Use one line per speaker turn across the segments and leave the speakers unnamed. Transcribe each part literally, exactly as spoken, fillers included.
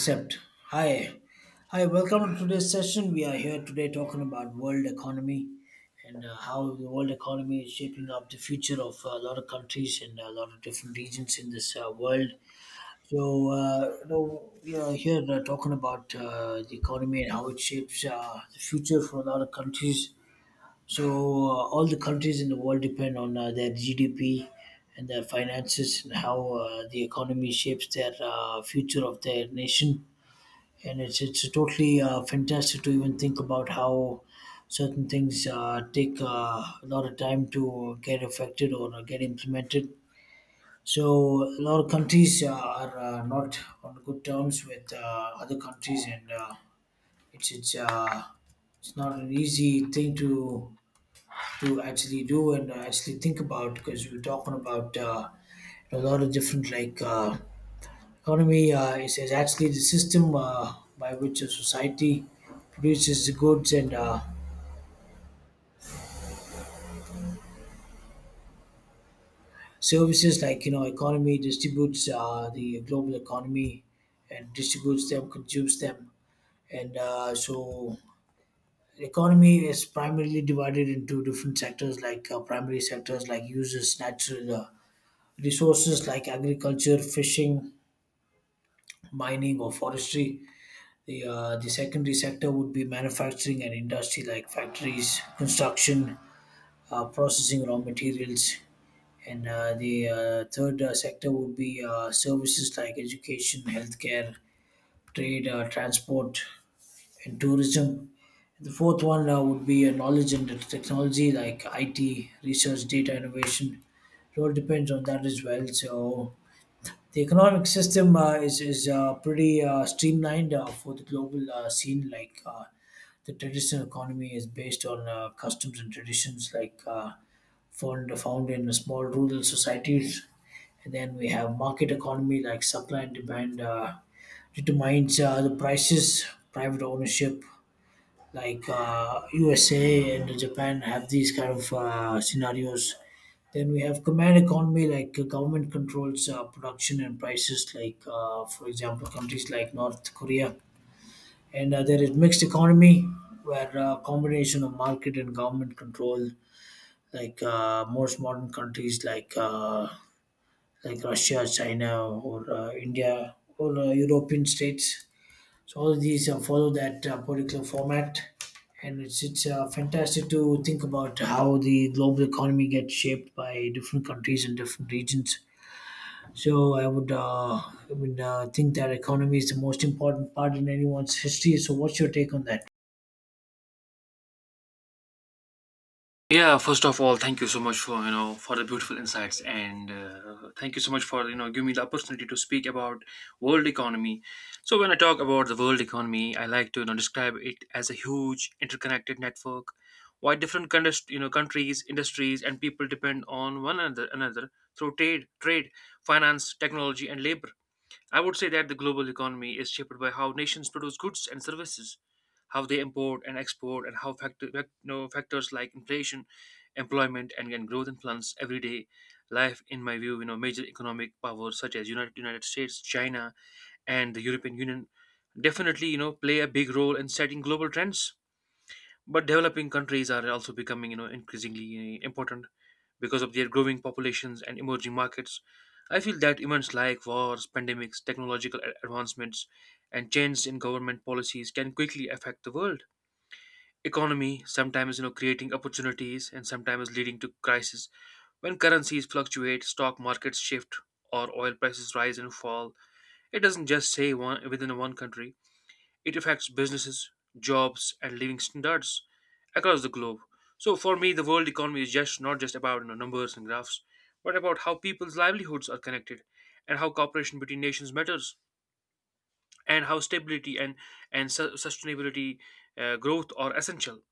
Except, hi, hi, welcome to today's session. We are here today talking about world economy and uh, how the world economy is shaping up the future of a lot of countries and a lot of different regions in this uh, world. So, uh, you know, we are here uh, talking about uh, the economy and how it shapes uh, the future for a lot of countries. So, uh, all the countries in the world depend on uh, their G D P and their finances and how uh, the economy shapes their uh, future of their nation, and it's it's totally uh, fantastic to even think about how certain things uh, take uh, a lot of time to get affected or uh, get implemented. So a lot of countries uh, are uh, not on good terms with uh, other countries, and uh, it's it's uh, it's not an easy thing to to actually do and uh, actually think about, because we're talking about uh, a lot of different like. Uh, Economy uh, is, is actually the system uh, by which a society produces the goods and uh, services. Like you know, economy distributes uh, the global economy and distributes them, consumes them, and uh, so economy is primarily divided into different sectors, like uh, primary sectors like uses natural uh, resources like agriculture, fishing, mining, or forestry. The, uh, the secondary sector would be manufacturing and industry, like factories, construction, uh, processing raw materials. And uh, the uh, third uh, sector would be uh, services, like education, healthcare, trade, uh, transport, and tourism. The fourth one uh, would be uh, knowledge and technology, like I T, research, data innovation. It all depends on that as well. So, the economic system uh, is is uh, pretty uh, streamlined uh, for the global uh, scene. Like uh, the traditional economy is based on uh, customs and traditions, like uh, found found in small rural societies. And then we have market economy, like supply and demand uh, determines uh, the prices, private ownership, like uh, U S A and Japan have these kind of uh, scenarios. Then we have command economy, like uh, government controls uh, production and prices, like uh, for example, countries like North Korea. And uh, there is mixed economy, where uh, combination of market and government control, like uh, most modern countries like uh, like Russia, China, or uh, India, or uh, European states. So all these uh, follow that uh, particular format, and it's it's uh, fantastic to think about how the global economy gets shaped by different countries and different regions. So I would uh, I would uh, think that economy is the most important part in anyone's history. So what's your take on that?
Yeah, first of all, thank you so much for you know for the beautiful insights, and uh, thank you so much for you know giving me the opportunity to speak about world economy. So when I talk about the world economy, I like to you know describe it as a huge interconnected network, why different countries, you know countries, industries, and people depend on one another another through trade, trade, finance, technology, and labor. I would say that the global economy is shaped by how nations produce goods and services, how they import and export, and how factor, fact, you know, factors like inflation, employment, and, and growth influence everyday life. In my view, you know, major economic powers such as United United States, China, and the European Union definitely you know play a big role in setting global trends. But developing countries are also becoming, you know, increasingly important because of their growing populations and emerging markets. I feel that events like wars, pandemics, technological a- advancements, and changes in government policies can quickly affect the world economy. Sometimes, you know, creating opportunities and sometimes leading to crisis. When currencies fluctuate, stock markets shift, or oil prices rise and fall, it doesn't just say one within one country. It affects businesses, jobs, and living standards across the globe. So for me, the world economy is just not just about you know, numbers and graphs, but about how people's livelihoods are connected, and how cooperation between nations matters, and how stability and and su- sustainability uh, growth are essential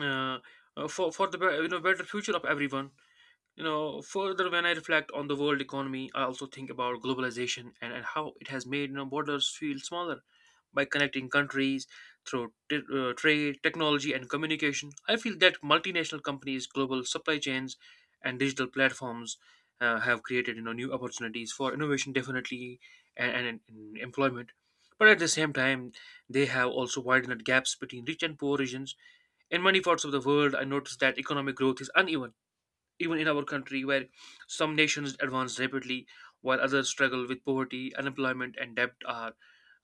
uh, uh, for for the be- you know better future of everyone. You know, further, when I reflect on the world economy, I also think about globalization and, and how it has made you know, borders feel smaller by connecting countries through t- uh, trade, technology, and communication. I feel that multinational companies, global supply chains, and digital platforms uh, have created you know new opportunities for innovation, definitely, and, and, and employment. But at the same time, they have also widened gaps between rich and poor regions. In many parts of the world, I noticed that economic growth is uneven even in our country, where some nations advance rapidly while others struggle with poverty, unemployment, and debt, are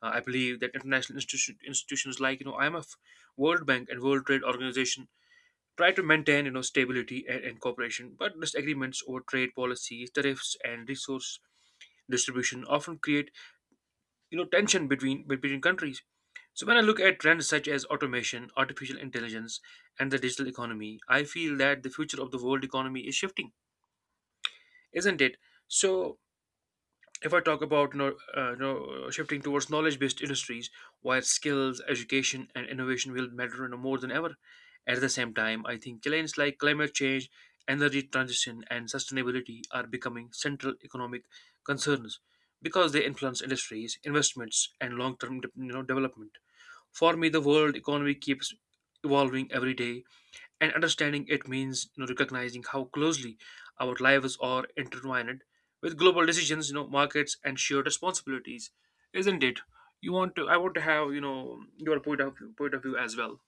uh, I believe that international institution, institutions like you know I M F, World Bank, and World Trade Organization try to maintain you know stability and, and cooperation. But disagreements over trade policies, tariffs, and resource distribution often create you know tension between between countries. So when I look at trends such as automation, artificial intelligence, and the digital economy, I feel that the future of the world economy is shifting, isn't it? So if I talk about you know, uh, you know shifting towards knowledge-based industries, where skills, education, and innovation will matter you know, more than ever. At the same time, I think challenges like climate change, energy transition, and sustainability are becoming central economic concerns because they influence industries, investments, and long-term de- you know, development. For me, the world economy keeps evolving every day, and understanding it means you know recognizing how closely our lives are intertwined with global decisions, you know markets and shared responsibilities, isn't it? You want to, i want to have you know your point of point of view as well.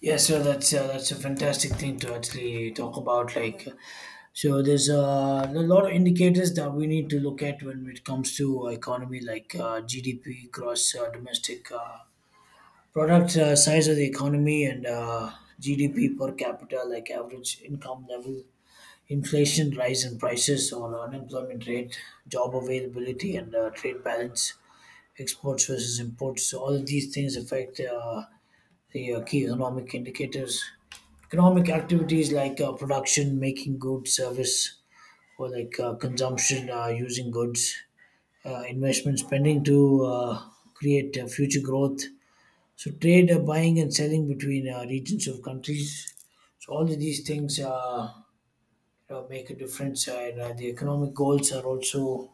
Yes, sir. That's uh, that's a fantastic thing to actually talk about. Like, so there's uh, a lot of indicators that we need to look at when it comes to economy, like uh, G D P, gross uh, domestic uh, product, uh, size of the economy, and uh, G D P per capita, like average income level, inflation, rise in prices, or unemployment rate, job availability, and uh, trade balance, exports versus imports. So all of these things affect uh, the uh, key economic indicators. Economic activities like uh, production, making goods, service, or like uh, consumption, uh, using goods, uh, investment, spending to uh, create uh, future growth, so trade, uh, buying and selling between uh, regions of countries. So all of these things, uh, you know, make a difference, uh, and uh, the economic goals are also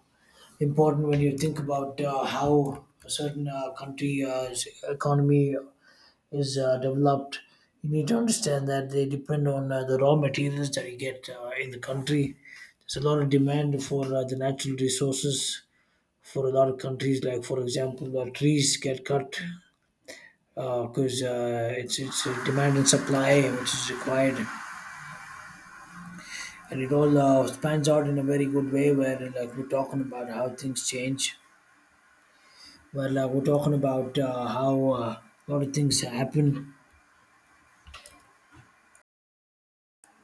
important when you think about uh, how a certain uh, country's economy is uh, developed. You need to understand that they depend on uh, the raw materials that you get uh, in the country. There's a lot of demand for uh, the natural resources for a lot of countries. Like for example, uh, trees get cut because uh, it's it's a demand and supply which is required, and it all uh, spans out in a very good way. Where uh, like we're talking about how things change, well, uh, we're talking about uh, how uh, a lot of things happen.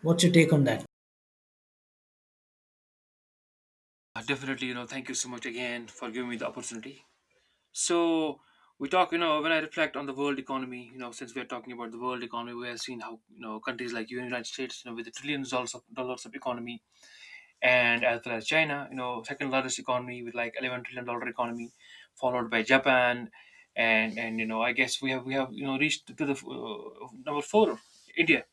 What's your take on that?
Uh, definitely, you know thank you so much again for giving me the opportunity. So we talk, you know when I reflect on the world economy, you know, since we're talking about the world economy, we have seen how, you know, countries like you and United States, you know, with the trillions dollars of dollars of economy, and as well as China, you know, second largest economy with like eleven trillion dollar economy, followed by Japan, and and you know, I guess we have we have you know reached to the uh, number four, India,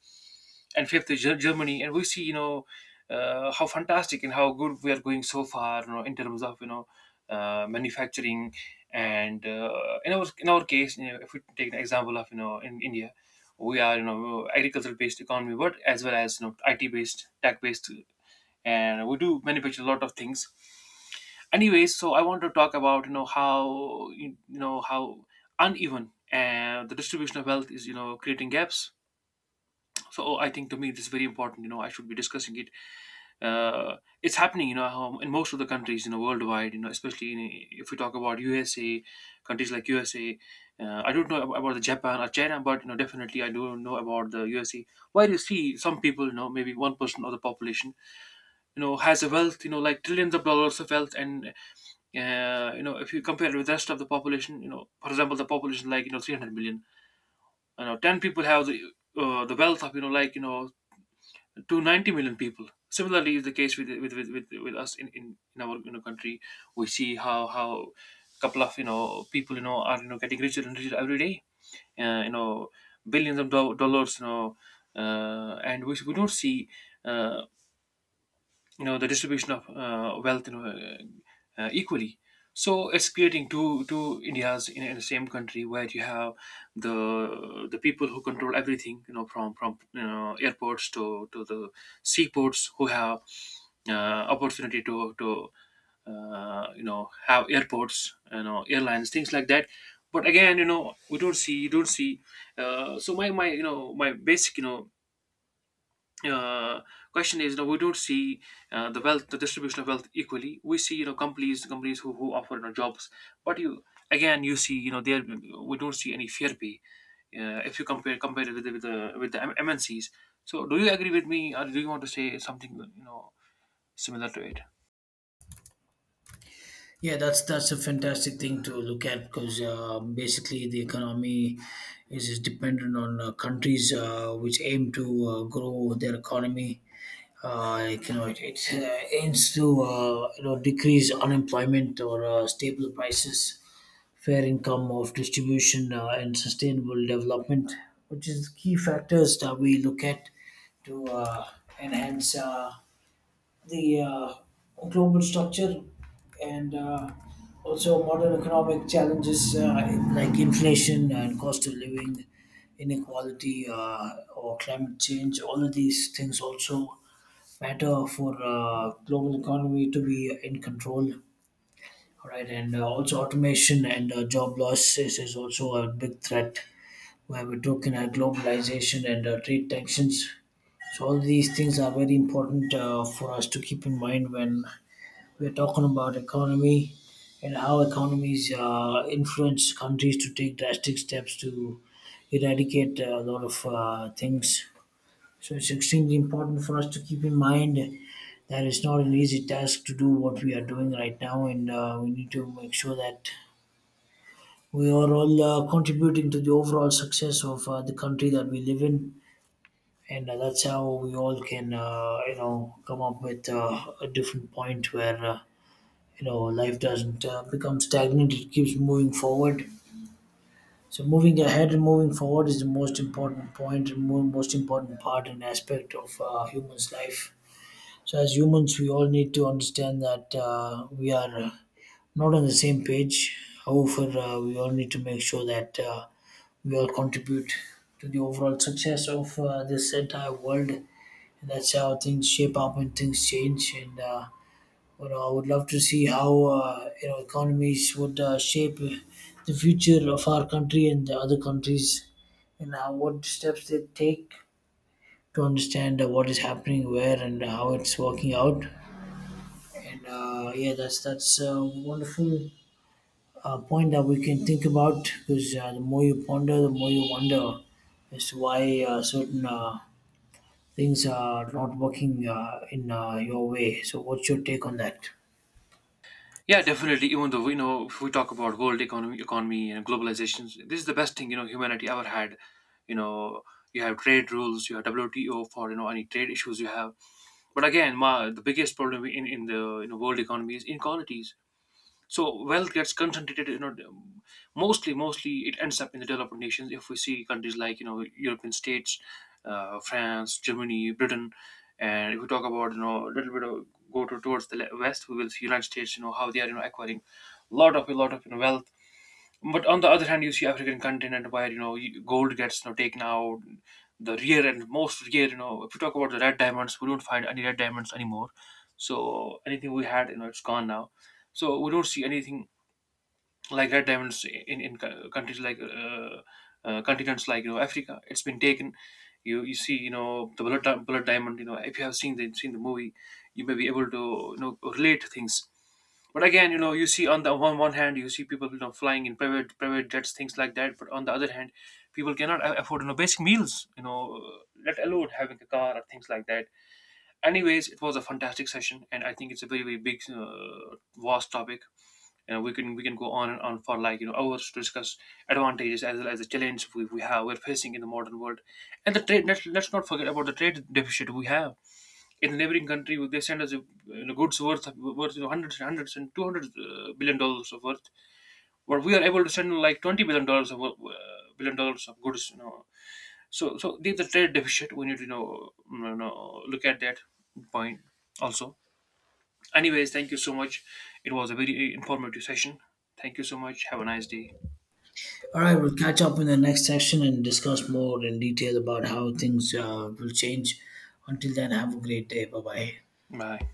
and fifth is Ger- Germany, and we see, you know, uh, how fantastic and how good we are going so far, you know, in terms of, you know uh, manufacturing, and uh, in our in our case, you know, if we take an example of, you know, in India. We are, you know, agricultural-based economy, but as well as, you know, I T-based, tech-based, and we do manufacture a lot of things anyway. So I want to talk about, you know, how you, you know, how uneven and the distribution of wealth is, you know, creating gaps. So oh, I think to me this is very important, you know, I should be discussing it. uh, it's happening, you know, how in most of the countries, you know, worldwide, you know, especially in, if we talk about USA, countries like USA, uh, I don't know ab- about the Japan or China, but you know, definitely I do know about the USA, where you see some people, you know, maybe one percent of the population, you know, has a wealth, you know, like trillions of dollars of wealth. And uh, you know, if you compare it with the rest of the population, you know, for example, the population like, you know, three hundred million, you know, ten people have the, uh, the wealth of, you know, like, you know, two hundred ninety million people. Similarly is the case with with with, with, with us in, in in our, you know, country. We see how how couple of, you know, people, you know, are, you know, getting richer and richer every day. Uh, you know, billions of do- dollars, you know. Uh, and we, we don't see, uh, you know, the distribution of, uh, wealth, you know, uh, uh, equally. So it's creating two two Indias in, in the same country, where you have the the people who control everything, you know, from from you know, airports to to the seaports, who have uh, opportunity to to uh, you know, have airports, you know, airlines, things like that. But again, you know, we don't see, you don't see. Uh, so my my you know, my basic, you know, uh, question is, you know, we don't see, uh, the wealth, the distribution of wealth equally. We see, you know, companies, companies who, who offer, you know, jobs, but you again, you see, you know, there we don't see any fair pay, uh, if you compare compare it with the, with the with the M- MNCs. So, do you agree with me, or do you want to say something, you know, similar to it?
Yeah, that's that's a fantastic thing to look at, because uh, basically the economy is, is dependent on uh, countries uh, which aim to uh, grow their economy. Uh, you know, it, it uh, aims to, uh, you know decrease unemployment or uh, stable prices, fair income of distribution, uh, and sustainable development, which is key factors that we look at to uh, enhance uh, the uh, global structure, and uh, also modern economic challenges uh, like inflation and cost of living, inequality, uh, or climate change. All of these things also matter for uh, global economy to be in control. All right, and uh, also automation and uh, job losses is also a big threat. Where we're talking at globalization and uh, trade tensions. So all these things are very important uh, for us to keep in mind when we're talking about economy and how economies uh, influence countries to take drastic steps to eradicate uh, a lot of uh, things. So it's extremely important for us to keep in mind that it's not an easy task to do what we are doing right now, and uh, we need to make sure that we are all uh, contributing to the overall success of uh, the country that we live in, and uh, that's how we all can, uh, you know, come up with uh, a different point where, uh, you know life doesn't uh, become stagnant; it keeps moving forward. So moving ahead and moving forward is the most important point and mo- most important part and aspect of uh, human's life. So as humans, we all need to understand that uh, we are uh, not on the same page. However, uh, we all need to make sure that uh, we all contribute to the overall success of uh, this entire world. And that's how things shape up and things change. And uh, you know, I would love to see how, uh, you know economies would uh, shape the future of our country and the other countries, and uh, what steps they take to understand uh, what is happening where and how it's working out. And uh, yeah, that's that's a wonderful uh, point that we can think about, because uh, the more you ponder, the more you wonder as to why uh, certain uh, things are not working uh, in uh, your way. So, what's your take on that?
Yeah, definitely. Even though we know, if we talk about world economy, economy and globalization, this is the best thing, you know, humanity ever had. You know, you have trade rules, you have W T O for, you know, any trade issues you have. But again, ma, the biggest problem in, in the, you know, world economy is inequalities. So wealth gets concentrated, you know, mostly mostly it ends up in the developed nations. If we see countries like, you know, European states, uh, France, Germany, Britain, and if we talk about, you know, a little bit of, go to, towards the le- west, we will see United States. You know how they are, you know, acquiring lot of a lot of, you know, wealth. But on the other hand, you see African continent where, you know, you- gold gets, you know, taken out, the rare and most rare. You know, if you talk about the red diamonds, we don't find any red diamonds anymore. So anything we had, you know, it's gone now. So we don't see anything like red diamonds in in co- countries like uh, uh, continents like, you know, Africa. It's been taken. You you see, you know, the blood blood diamond. You know, if you have seen the seen the movie, you may be able to, you know, relate things. But again, you know, you see on the one one hand, you see people, you know, flying in private private jets, things like that. But on the other hand, people cannot a- afford, you know, basic meals, you know, let alone having a car or things like that. Anyways, it was a fantastic session, and I think it's a very very big, uh, vast topic, and we can we can go on and on for like, you know, hours to discuss advantages as well as the challenges we, we have, we're facing in the modern world, and the trade. Let's, let's not forget about the trade deficit we have in the neighboring country. They send us, uh, you know, goods worth worth you know, hundreds and hundreds and two hundred uh, billion dollars of worth. But we are able to send like twenty billion dollars of, uh, billion dollars of goods. You know, so so there's a trade deficit. We need to, you know, you know look at that point also. Anyways, thank you so much. It was a very informative session. Thank you so much. Have a nice day.
All right, we'll catch up in the next section and discuss more in detail about how things uh, will change. Until then, have a great day. Bye bye.
Bye.